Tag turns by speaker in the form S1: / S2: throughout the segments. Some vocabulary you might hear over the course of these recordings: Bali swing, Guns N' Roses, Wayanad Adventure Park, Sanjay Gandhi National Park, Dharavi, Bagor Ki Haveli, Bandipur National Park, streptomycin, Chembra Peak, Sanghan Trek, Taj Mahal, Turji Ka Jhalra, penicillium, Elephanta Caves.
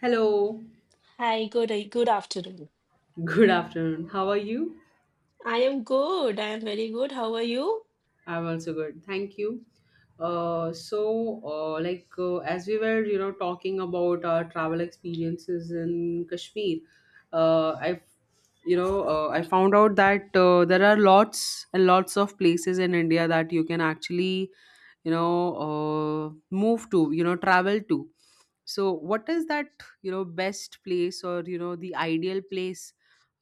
S1: Hello,
S2: Hi, good afternoon.
S1: good afternoon. How are you?
S2: I am good. I am very good. How are you?
S1: I'm also good. Thank you. As we were, talking about our travel experiences in Kashmir, I, have you know, I found out that there are lots and lots of places in India that you can actually, move to, travel to. So, what is that, best place or you know the ideal place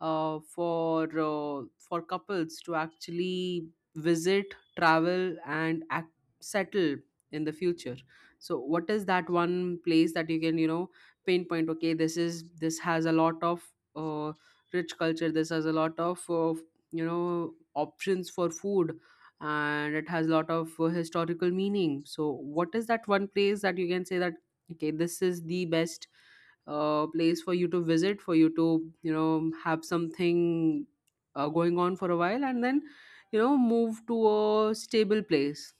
S1: for couples to actually visit, travel and act, settle in the future. So what is that one place that you can, you know, pinpoint, okay, this is, this has a lot of rich culture, this has a lot of you know, options for food, and it has a lot of historical meaning. So what is that one place that you can say that okay, this is the best place for you to visit, for you to, you know, have something going on for a while, and then you know, move to a stable place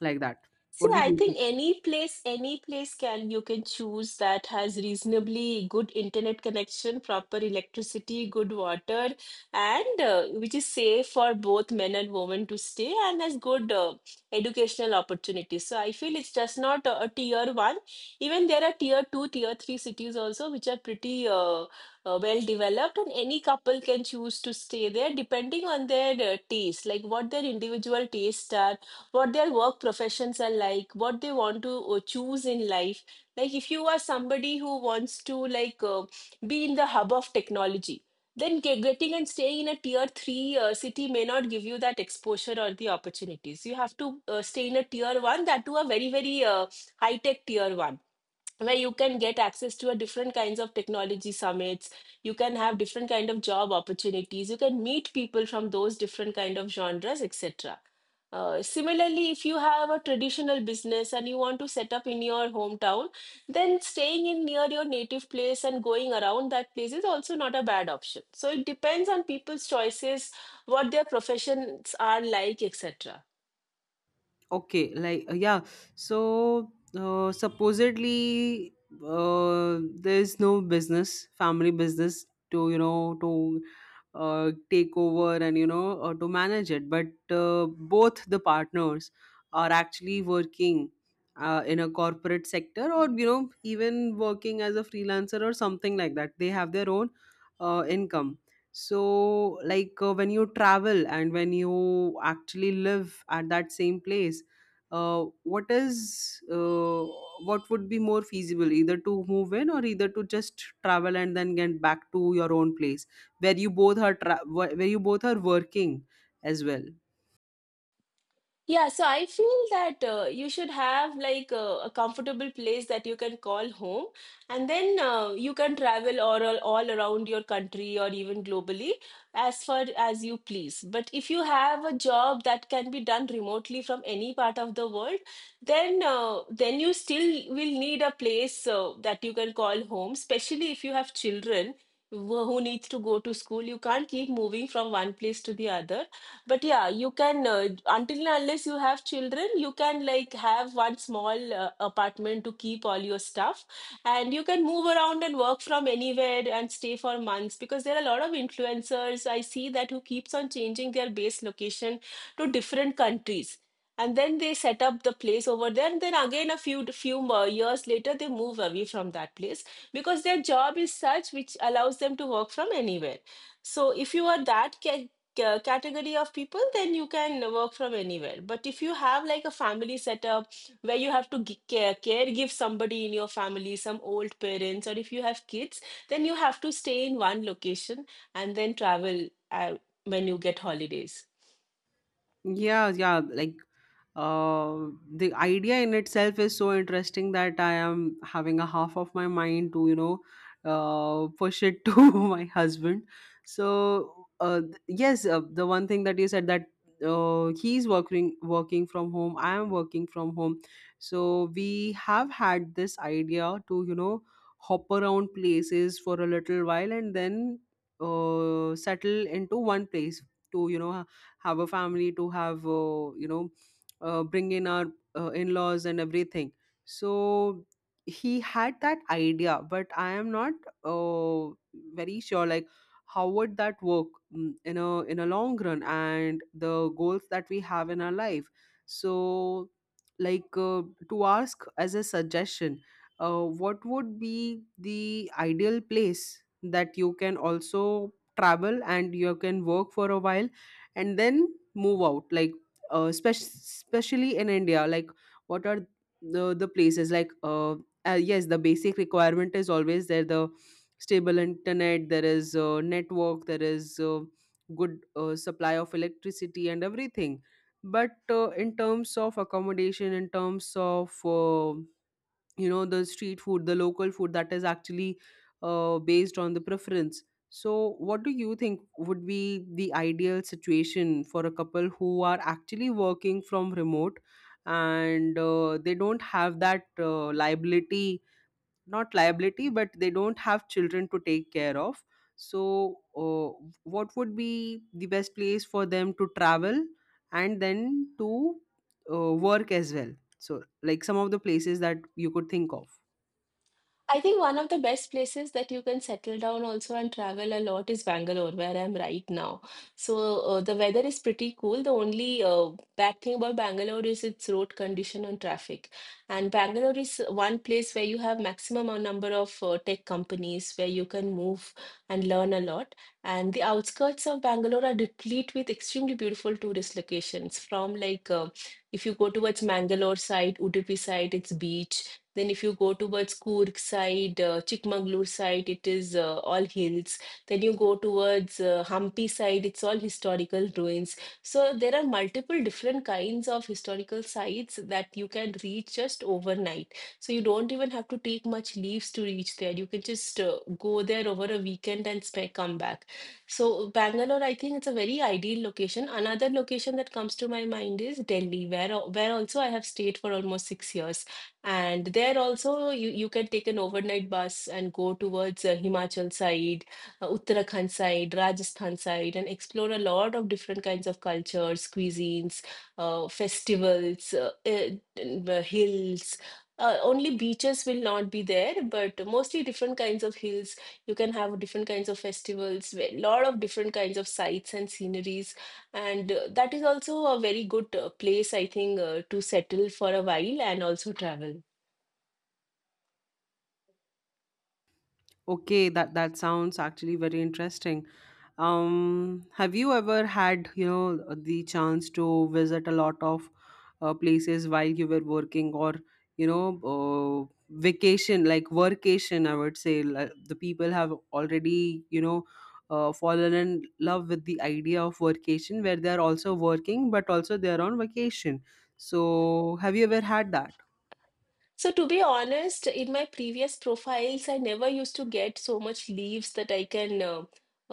S1: like that?
S2: See,
S1: What do you
S2: I think
S1: think?
S2: any place can you can choose that has reasonably good internet connection, proper electricity, good water, and which is safe for both men and women to stay, and has good educational opportunities. So I feel it's just not a tier one. Even there are tier two, tier three cities also, which are pretty well developed, and any couple can choose to stay there depending on their taste, like what their individual tastes are, what their work professions are like, what they want to choose in life. Like if you are somebody who wants to like be in the hub of technology, then getting and staying in a tier 3 city may not give you that exposure or the opportunities. You have to stay in a tier 1, that to a very very high tech tier 1, where you can get access to a different kinds of technology summits, you can have different kind of job opportunities, you can meet people from those different kind of genres, etc. Similarly if you have a traditional business and you want to set up in your hometown, then staying in near your native place and going around that place is also not a bad option. So it depends on people's choices, what their professions are like, etc.
S1: Okay, yeah. So supposedly, uh, there's no business, family business to, you know, to take over and you know, to manage it, but both the partners are actually working in a corporate sector, or you know, even working as a freelancer or something like that. They have their own income. So when you travel and when you actually live at that same place, uh, what is uh, what would be more feasible, either to move in or either to just travel and then get back to your own place where you both are where you both are working as well?
S2: Yeah, so I feel that you should have like a comfortable place that you can call home, and then you can travel all around your country or even globally as far as you please. But if you have a job that can be done remotely from any part of the world, then you still will need a place that you can call home, especially if you have children who needs to go to school. You can't keep moving from one place to the other. But yeah, you can until and unless you have children, you can like have one small apartment to keep all your stuff, and you can move around and work from anywhere and stay for months, because there are a lot of influencers I see that who keeps on changing their base location to different countries. And then they set up the place over there, and then again a few more years later they move away from that place because their job is such which allows them to work from anywhere. So if you are that category of people, then you can work from anywhere. But if you have like a family setup where you have to care give somebody in your family, some old parents, or if you have kids, then you have to stay in one location and then travel when you get holidays.
S1: Yeah, the idea in itself is so interesting that I am having a half of my mind to, you know, push it to my husband. So, yes, the one thing that you said, that uh, he's working from home, I am working from home. So we have had this idea to, you know, hop around places for a little while and then settle into one place to, you know, have a family, to have, bring in our in-laws and everything. So he had that idea, but I am not uh, very sure like how would that work in a, in a long run and the goals that we have in our life. So, like uh, to ask as a suggestion, what would be the ideal place that you can also travel and you can work for a while and then move out? Like especially in India, like what are the places like, yes, the basic requirement is always there: the stable internet, there is network, there is good supply of electricity and everything. But in terms of accommodation, in terms of you know, the street food, the local food, that is actually based on the preference. So what do you think would be the ideal situation for a couple who are actually working from remote, and they don't have that liability, not liability, but they don't have children to take care of? So uh, what would be the best place for them to travel and then to work as well? So like some of the places that you could think of.
S2: I think one of the best places that you can settle down also and travel a lot is Bangalore, where I'm right now. So the weather is pretty cool. The only bad thing about Bangalore is its road condition and traffic. And Bangalore is one place where you have maximum a number of tech companies where you can move and learn a lot. And the outskirts of Bangalore are replete with extremely beautiful tourist locations. From like if you go towards Mangalore side, Udupi side, it's beach. Then if you go towards Coorg side, Chikmagalur side, it is all hills. Then you go towards Hampi side, it's all historical ruins. So there are multiple different kinds of historical sites that you can reach just overnight. So you don't even have to take much leaves to reach there. You can just go there over a weekend and come back. So Bangalore, I think it's a very ideal location. Another location that comes to my mind is Delhi, where also I have stayed for almost 6 years. And there also you can take an overnight bus and go towards Himachal side, Uttarakhand side, Rajasthan side, and explore a lot of different kinds of cultures, cuisines, festivals, and, hills. Only beaches will not be there, but mostly different kinds of hills. You can have different kinds of festivals, a lot of different kinds of sights and sceneries. And that is also a very good place, I think, to settle for a while and also travel.
S1: Okay, that sounds actually very interesting. Have you ever had, you know, the chance to visit a lot of places while you were working, or you know, vacation, like workation, I would say. Like, the people have already, you know, fallen in love with the idea of workation, where they're also working, but also they're on vacation. So, have you ever had that?
S2: So, to be honest, in my previous profiles, I never used to get so much leaves that I can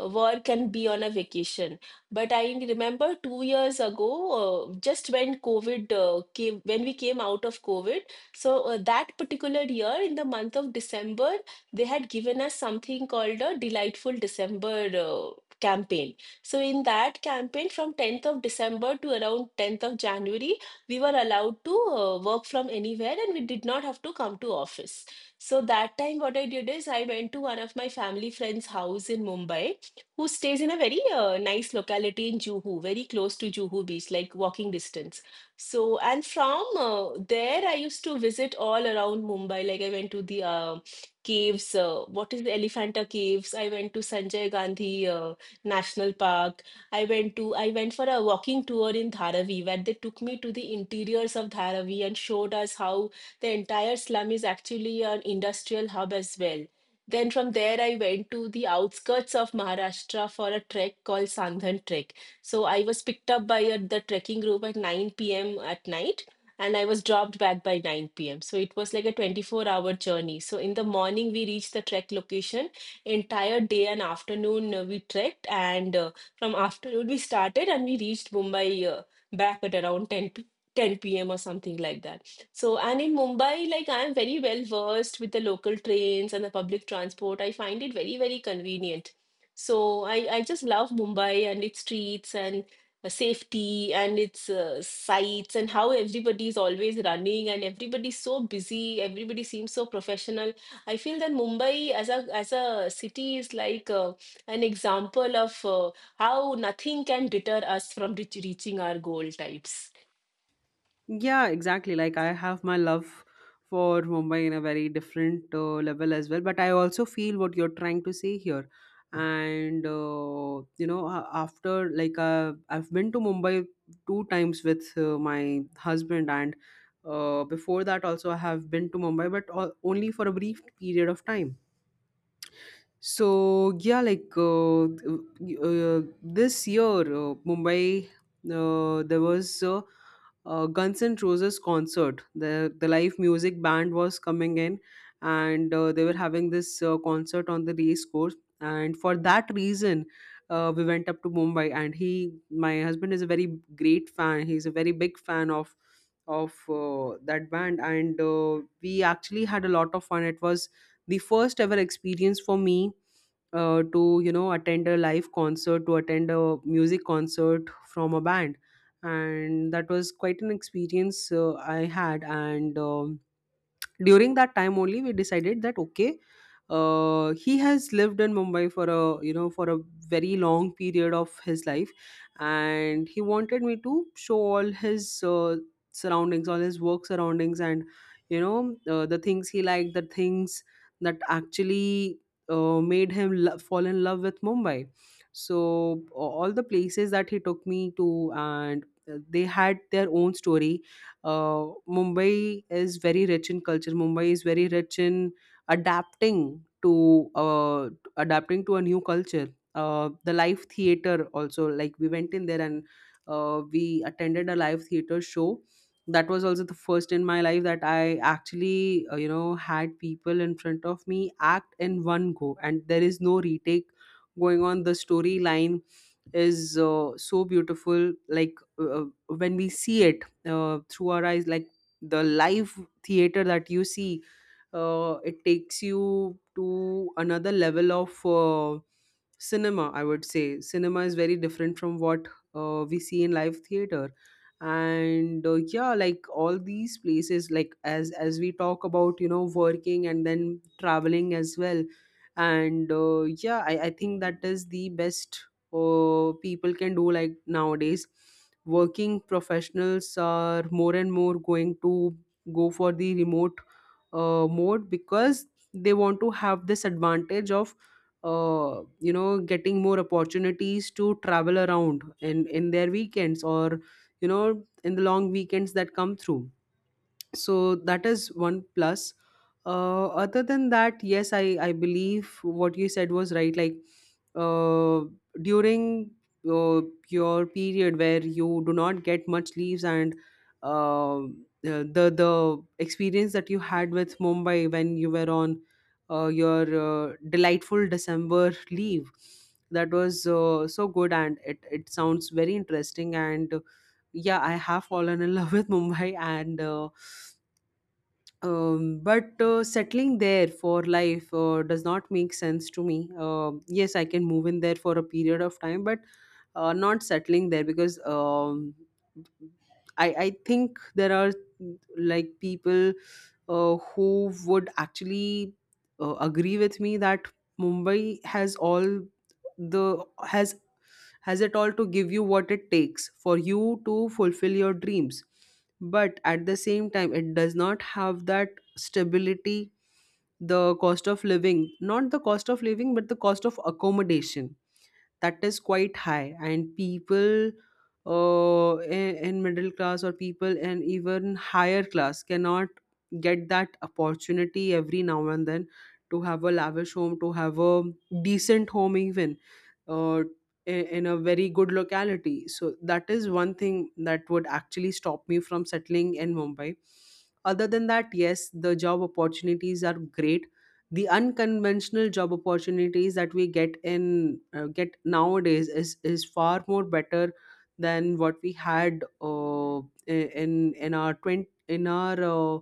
S2: work and be on a vacation. But I remember 2 years ago, just when COVID came, when we came out of COVID, so that particular year, in the month of December, they had given us something called a Delightful December campaign. So, in that campaign, from 10th of December to around 10th of January, we were allowed to work from anywhere and we did not have to come to office. So that time, what I did is I went to one of my family friend's house in Mumbai, who stays in a very nice locality in Juhu, very close to Juhu Beach, like walking distance. So, and from there, I used to visit all around Mumbai. Like I went to the caves, what is the Elephanta Caves? I went to Sanjay Gandhi National Park. I went for a walking tour in Dharavi, where they took me to the interiors of Dharavi and showed us how the entire slum is actually an industrial hub as well. Then from there I went to the outskirts of Maharashtra for a trek called Sanghan Trek. So I was picked up by the trekking group at 9 p.m. at night and I was dropped back by 9 p.m. So it was like a 24-hour journey. So in the morning we reached the trek location. Entire day and afternoon we trekked, and from afternoon we started and we reached Mumbai back at around 10 p.m. or something like that. So, and in Mumbai, like I am very well versed with the local trains and the public transport. I find it very, very convenient. So, I just love Mumbai and its streets and safety and its sights, and how everybody is always running and everybody's so busy. Everybody seems so professional. I feel that Mumbai as a city is like an example of how nothing can deter us from reaching our goal types.
S1: Yeah, exactly. Like I have my love for Mumbai in a very different level as well, but I also feel what you're trying to say here. And you know, after I've been to Mumbai two times with my husband, and before that also I have been to Mumbai, but only for a brief period of time. So yeah, this year, Mumbai, there was a Guns N' Roses concert. The live music band was coming in, and they were having this concert on the race course. And for that reason, we went up to Mumbai. And he, my husband, is a very great fan. He's a very big fan of that band, and we actually had a lot of fun. It was the first ever experience for me to, you know, attend a live concert, to attend a music concert from a band, and that was quite an experience I had. And during that time only we decided that okay, he has lived in Mumbai for a you know, for a very long period of his life, and he wanted me to show all his surroundings, all his work surroundings, and you know, the things he liked, the things that actually made him fall in love with Mumbai. So all the places that he took me to, and they had their own story. Mumbai is very rich in culture. Mumbai is very rich in adapting to adapting to a new culture. The live theater also, like we went in there and we attended a live theater show. That was also the first in my life that I actually you know, had people in front of me act in one go, and there is no retake going on. The storyline is so beautiful, like when we see it through our eyes, like the live theater that you see, it takes you to another level of cinema, I would say. Cinema is very different from what we see in live theater. And yeah, like all these places, like as we talk about, you know, working and then traveling as well. And yeah, I think that is the best people can do. Like nowadays working professionals are more and more going to go for the remote mode, because they want to have this advantage of you know, getting more opportunities to travel around in their weekends, or you know, in the long weekends that come through. So that is one plus. Other than that, yes, I believe what you said was right. Like uh, during uh, your period where you do not get much leaves, and uh, the experience that you had with Mumbai when you were on your Delightful December leave, that was so good, and it sounds very interesting. And yeah, I have fallen in love with Mumbai. And but settling there for life does not make sense to me. Yes, I can move in there for a period of time, but not settling there, because I think there are like people who would actually agree with me that Mumbai has all the has it all to give you what it takes for you to fulfill your dreams, but at the same time it does not have that stability. The cost of living, not the cost of living, but the cost of accommodation, that is quite high, and people in middle class, or people in even higher class, cannot get that opportunity every now and then to have a lavish home, to have a decent home, even uh, in a very good locality. So that is one thing that would actually stop me from settling in Mumbai. Other than that, yes, the job opportunities are great. The unconventional job opportunities that we get in get nowadays is far more better than what we had uh, i- in in our 20, in our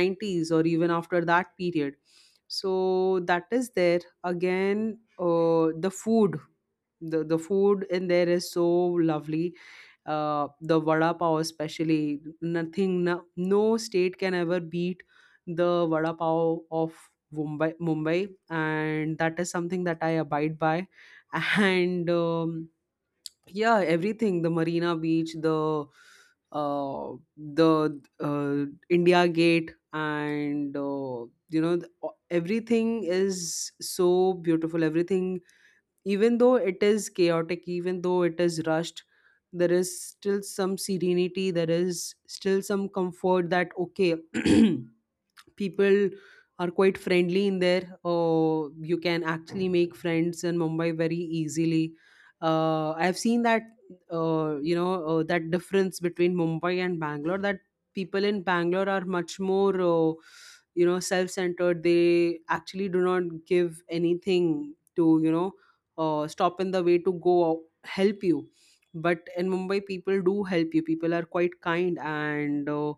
S1: 90s or even after that period. So that is there again. The food, the food in there is so lovely. The vada pav especially, nothing, no, no state can ever beat the vada pav of Mumbai, Mumbai, and that is something that I abide by and yeah, everything, the Marina Beach, the uh, the uh, India Gate, and you know, the- everything is so beautiful. Everything, even though it is chaotic, even though it is rushed, there is still some serenity, there is still some comfort. That okay, people are quite friendly in there. You can actually make friends in Mumbai very easily. I've seen that that difference between Mumbai and Bangalore. That people in Bangalore are much more you know self-centered. They actually do not give anything to stop in the way to go help you. But in Mumbai, people do help you. People are quite kind and.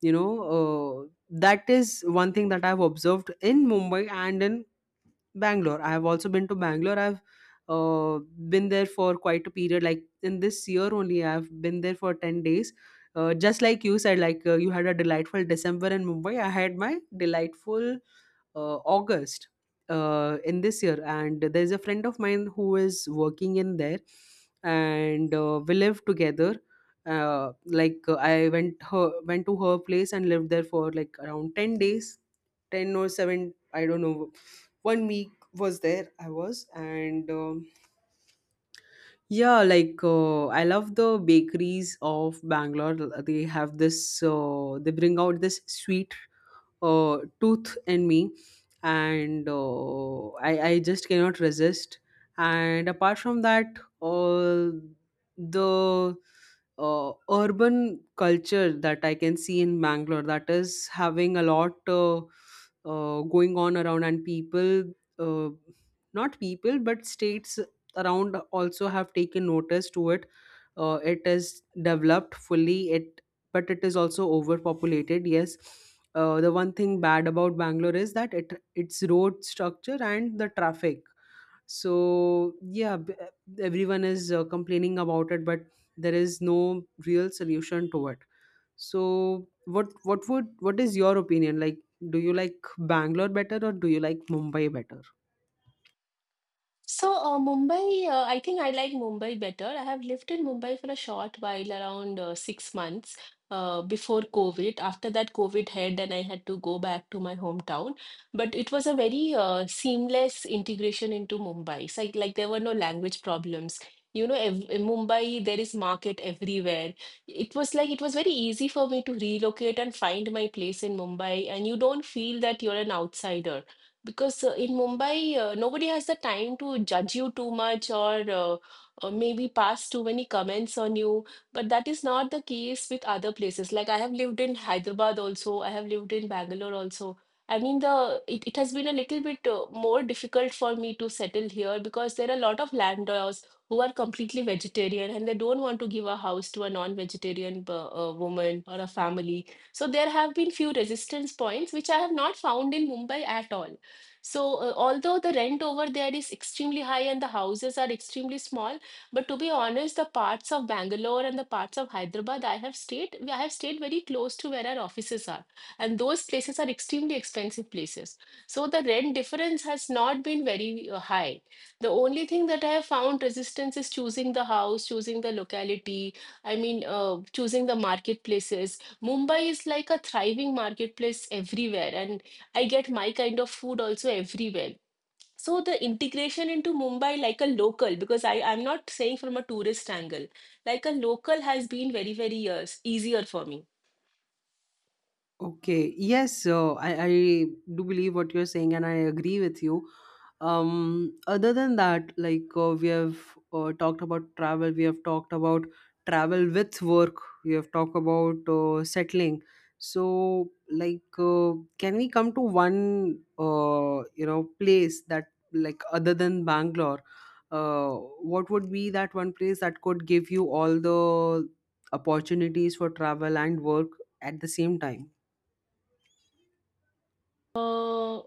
S1: you know that is one thing that I've observed in Mumbai. And in Bangalore, I have also been to Bangalore. I've uh, been there for quite a period. Like in this year only, I've been there for 10 days. Just like you said, like you had a delightful December in Mumbai, I had my delightful August in this year, and there's a friend of mine who is working in there, and we live together. I went to her place and lived there for like around 10 days, ten or seven. I don't know. 1 week was there. I was and. Yeah, like I love the bakeries of Bangalore. They have this, they bring out this sweet tooth in me, and I just cannot resist. And apart from that, all the urban culture that I can see in Bangalore, that is having a lot going on around, and people uh, not people but states around also have taken notice to it. It is developed fully. It But it is also overpopulated, yes. The one thing bad about Bangalore is that it its road structure and the traffic. So yeah, everyone is complaining about it, but there is no real solution to it. So what is your opinion? Like, do you like Bangalore better or do you like Mumbai better?
S2: So, Mumbai, I think I like Mumbai better. I have lived in Mumbai for a short while, around 6 months before COVID. After that, COVID hit, and I had to go back to my hometown. But it was a very seamless integration into Mumbai. It's like there were no language problems. You know, ev in Mumbai, there is market everywhere. It was like it was very easy for me to relocate and find my place in Mumbai, and you don't feel that you're an outsider because in Mumbai, nobody has the time to judge you too much, or maybe pass too many comments on you. But that is not the case with other places. Like I have lived in Hyderabad also, I have lived in Bangalore also. I mean, the it has been a little bit more difficult for me to settle here, because there are a lot of landlords who are completely vegetarian and they don't want to give a house to a non-vegetarian woman or a family. So there have been few resistance points which I have not found in Mumbai at all. So, although the rent over there is extremely high and the houses are extremely small, but to be honest, the parts of Bangalore and the parts of Hyderabad I have stayed very close to where our offices are, and those places are extremely expensive places. So the rent difference has not been very high. The only thing that I have found resistance is choosing the house, choosing the locality, I mean, choosing the marketplaces. Mumbai is like a thriving marketplace everywhere, and I get my kind of food also everywhere. So the integration into Mumbai like a local, because I'm not saying from a tourist angle, like a local has been very, very years easier for me.
S1: Okay. Yes, I do believe what you're saying, and I agree with you. Um, Other than that, like we have talked about travel, we have talked about travel with work, we have talked about settling. So, like, uh, can we come to one, place that, like, other than Bangalore, uh, what would be that one place that could give you all the opportunities for travel and work at the same time?
S2: Uh,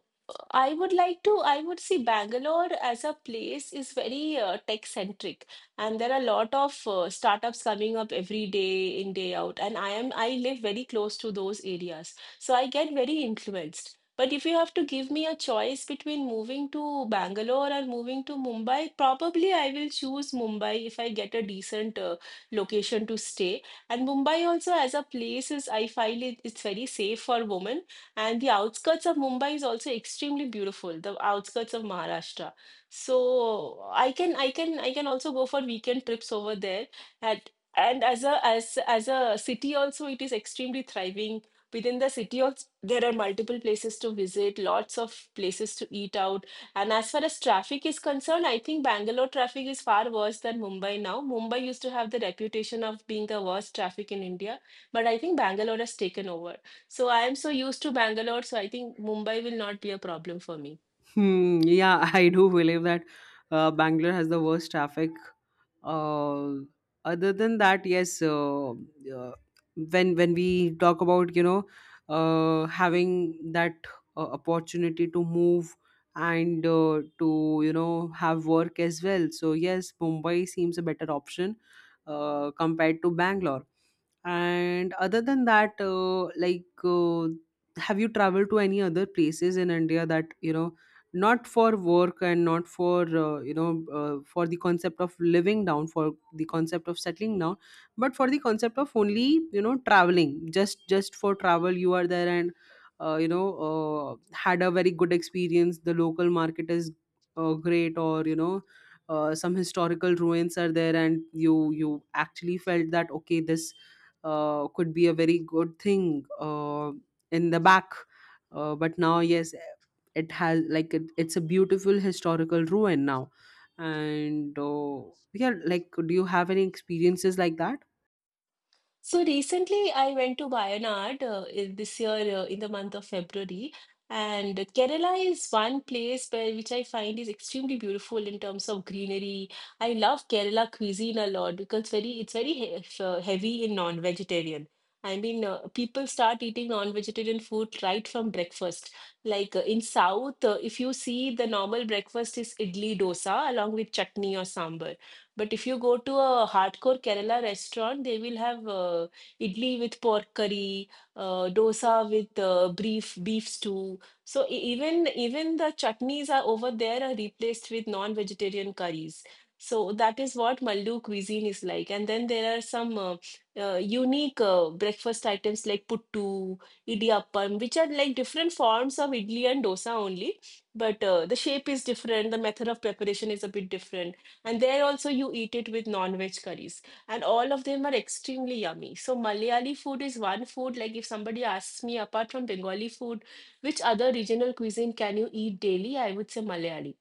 S2: I would like to, I would see Bangalore as a place is very tech centric, and there are a lot of startups coming up every day in, day out. And I live very close to those areas, so I get very influenced. But if you have to give me a choice between moving to Bangalore or moving to Mumbai, probably I will choose Mumbai if I get a decent location to stay. And Mumbai also as a place is, I find it, it's very safe for women, and the outskirts of Mumbai is also extremely beautiful, the outskirts of Maharashtra. So I can also go for weekend trips over there. At And as a as as a city also it is extremely thriving. Within the city also there are multiple places to visit, lots of places to eat out. And as far as traffic is concerned, I think Bangalore traffic is far worse than Mumbai now. Mumbai used to have the reputation of being the worst traffic in India, but I think Bangalore has taken over. So I am so used to Bangalore, so I think Mumbai will not be a problem for me.
S1: Hmm, yeah, I do believe that Bangalore has the worst traffic. Uh, Other than that, yes, uh, when we talk about having that opportunity to move and to have work as well, so yes, Mumbai seems a better option compared to Bangalore. And other than that, have you traveled to any other places in India that? Not for work and not for for the concept of living down, for the concept of settling down, but for the concept of only traveling, just for travel, you are there, and had a very good experience. The local market is great, or some historical ruins are there, and you actually felt that okay, this could be a very good thing in the back. But now yes, it has, it's a beautiful historical ruin now. And yeah, like, do you have any experiences like that?
S2: So recently, I went to Wayanad this year in the month of February, and Kerala is one place where which I find is extremely beautiful in terms of greenery. I love Kerala cuisine a lot because very it's very he heavy in non-vegetarian. I mean, people start eating non-vegetarian food right from breakfast. Like in South, if you see the normal breakfast is idli dosa along with chutney or sambar. But if you go to a hardcore Kerala restaurant, they will have idli with pork curry, dosa with beef stew. So even the chutneys are over there are replaced with non-vegetarian curries. So that is what Maldu cuisine is like. And then there are some unique breakfast items like puttu, idiyappam, which are like different forms of idli and dosa only. But the shape is different, the method of preparation is a bit different. And there also you eat it with non-veg curries. And all of them are extremely yummy. So Malayali food is one food, like if somebody asks me, apart from Bengali food, which other regional cuisine can you eat daily? I would say Malayali.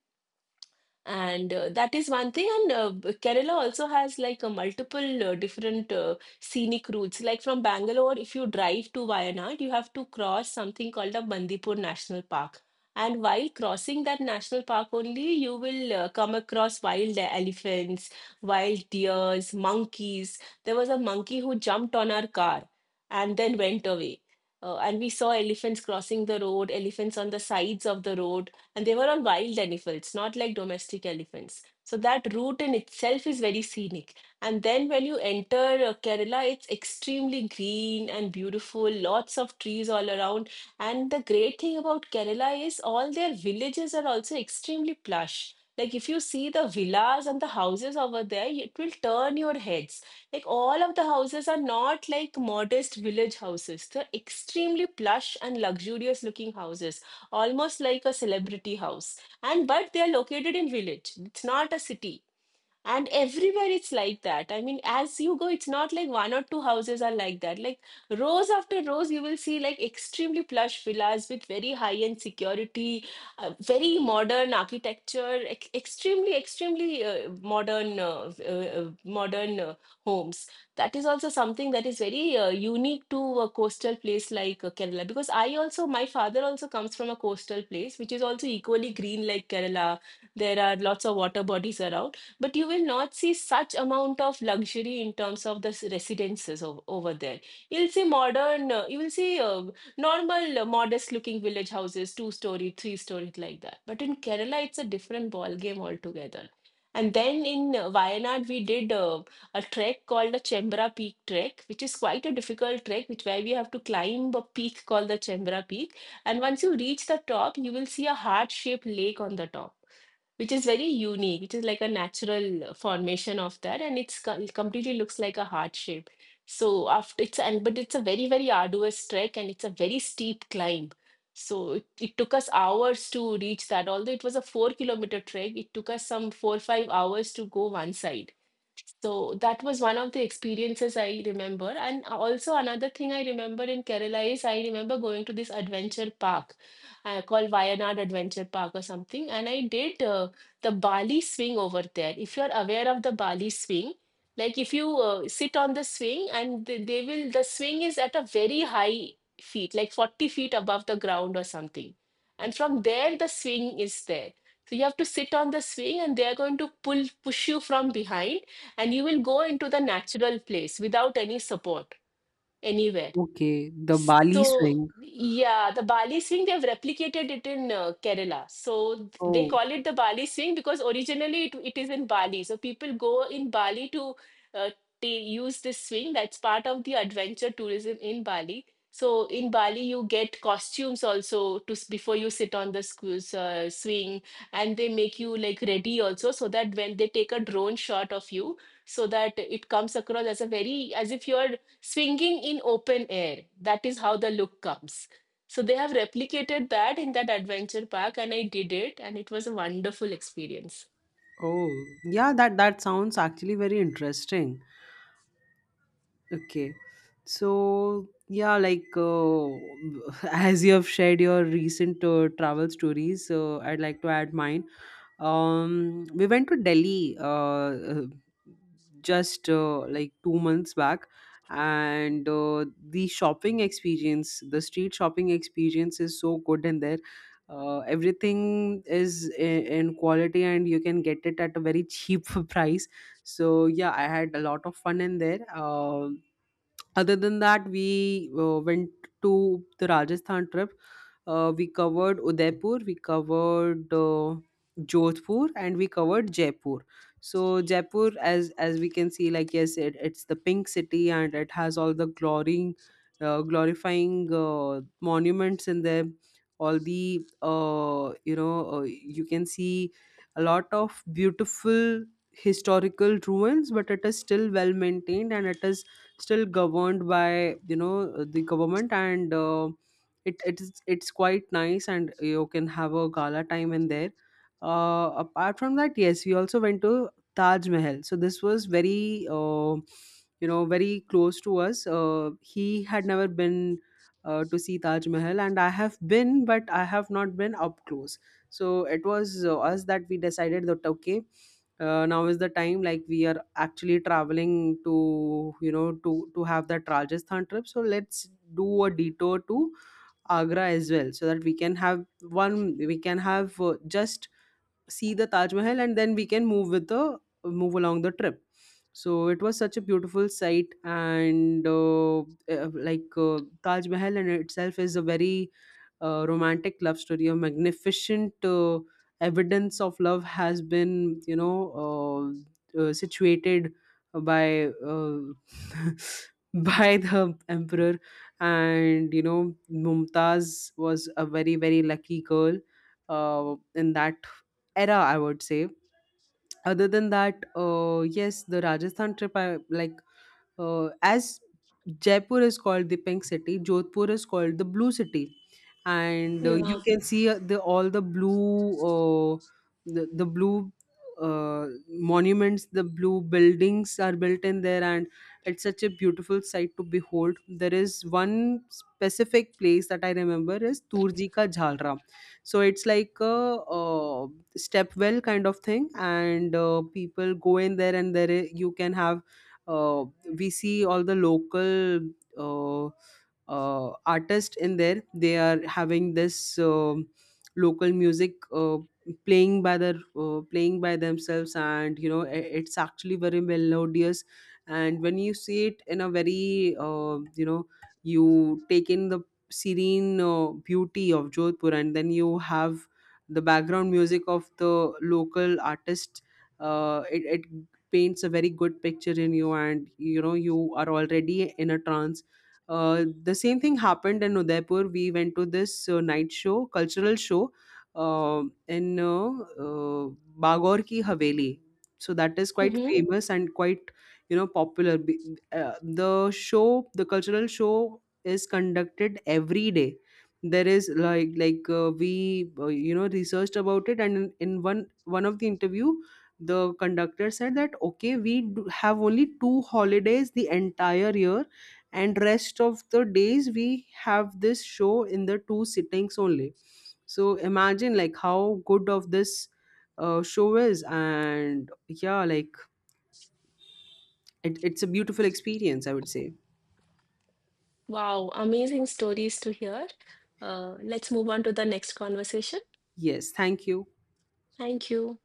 S2: And that is one thing. And Kerala also has like a multiple different scenic routes. Like from Bangalore, if you drive to Wayanad, you have to cross something called a Bandipur National Park. And while crossing that national park only, you will come across wild elephants, wild deers, monkeys. There was a monkey who jumped on our car and then went away. And we saw elephants crossing the road, elephants on the sides of the road, and they were all wild elephants, not like domestic elephants. So that route in itself is very scenic. And then when you enter Kerala, it's extremely green and beautiful, lots of trees all around. And the great thing about Kerala is all their villages are also extremely plush. Like if you see the villas and the houses over there, it will turn your heads. Like all of the houses are not like modest village houses. They're extremely plush and luxurious looking houses, almost like a celebrity house, and but they are located in village, it's not a city, and everywhere it's like that. I mean, as you go, it's not like one or two houses are like that. Like rows after rows, you will see like extremely plush villas with very high-end security, very modern architecture, ex extremely, extremely modern, modern homes. That is also something that is very unique to a coastal place like Kerala. Because I also, my father also comes from a coastal place, which is also equally green like Kerala. There are lots of water bodies around, but you will not see such amount of luxury in terms of the residences over there. You'll see modern you will see normal modest looking village houses, two story, three story, like that, but in Kerala it's a different ball game altogether. And then in Wayanad, we did a trek called the Chembra Peak trek, which is quite a difficult trek, which where we have to climb a peak called the Chembra Peak. And once you reach the top, you will see a heart-shaped lake on the top, which is very unique, which is like a natural formation of that, and it completely looks like a heart shape. So after it's and but it's a very very arduous trek and it's a very steep climb. So it took us hours to reach that. Although it was a 4 kilometer trek, it took us some 4 5 hours to go one side. So that was one of the experiences I remember. And also another thing I remember in Kerala is I remember going to this adventure park called Wayanad Adventure Park or something. And I did the Bali swing over there. If you're aware of the Bali swing, like if you sit on the swing and they will, the swing is at a very high feet, like 40 feet above the ground or something. And from there, the swing is there. So you have to sit on the swing and they're going to pull, push you from behind, and you will go into the natural place without any support anywhere.
S1: Okay, the Bali swing.
S2: So, yeah, the Bali swing, they've replicated it in Kerala. So they
S1: Oh.
S2: call it the Bali swing because originally it is in Bali. So people go in Bali to uh, they use this swing. That's part of the adventure tourism in Bali. So in Bali, you get costumes also before you sit on the swing, and they make you like ready also so that when they take a drone shot of you, so that it comes across as a very as if you're swinging in open air. That is how the look comes. So they have replicated that in that adventure park, and I did it, and it was a wonderful experience.
S1: Oh yeah, that that sounds actually very interesting. Okay. So yeah, like as you have shared your recent travel stories, I'd like to add mine. We went to Delhi, uh, just like 2 months back, and the shopping experience, the street shopping experience, is so good in there. Everything is in quality, and you can get it at a very cheap price. So yeah, I had a lot of fun in there. Um, other than that, we went to the Rajasthan trip. We covered Udaipur, we covered Jodhpur, and we covered Jaipur. So Jaipur, as we can see, like yes, it's the pink city, and it has all the glorifying monuments in there. All the you can see a lot of beautiful historical ruins, but it is still well maintained, and it is still governed by the government. And it's quite nice, and you can have a gala time in there. Apart from that, yes, we also went to Taj Mahal. So this was very very close to us. He had never been to see Taj Mahal, and I have been, but I have not been up close. So it was us that we decided that okay, now is the time, like we are actually traveling to to have that Rajasthan trip, so let's do a detour to Agra as well, so that we can have one we can have just see the Taj Mahal, and then we can move along the trip. So it was such a beautiful sight. And uh, like uh, Taj Mahal in itself is a very romantic love story. A magnificent evidence of love has been situated by uh, by the emperor. And Mumtaz was a very very lucky girl in that era, I would say. Other than that, yes, the Rajasthan trip, I like as Jaipur is called the pink city, Jodhpur is called the blue city, and you
S2: Yeah.
S1: can see the all the blue monuments, the blue buildings are built in there, and it's such a beautiful sight to behold. There is one specific place that I remember is Turji Ka Jhalra. So it's like a, step well kind of thing, and people go in there, and you can have uh, we see all the local uh, artists in there. They are having this local music playing by themselves, and it's actually very melodious. And when you see it in a very you take in the serene beauty of Jodhpur, and then you have the background music of the local artist, it paints a very good picture in you, and you are already in a trance. The same thing happened in Udaipur. We went to this night show, cultural show, uh, in uh, Bagor Ki Haveli. So that is quite
S2: Mm-hmm.
S1: famous and quite popular. Uh, the show the cultural show is conducted every day. There is like We you know, researched about it, and in one one of the interview, the conductor said that okay, we do have only two holidays the entire year, and rest of the days we have this show in the two sittings only. So imagine like how good of this show is. And yeah, like, it, it's a beautiful experience, I would say.
S2: Wow, amazing stories to hear. Let's move on to the next conversation.
S1: Yes, thank you.
S2: Thank you.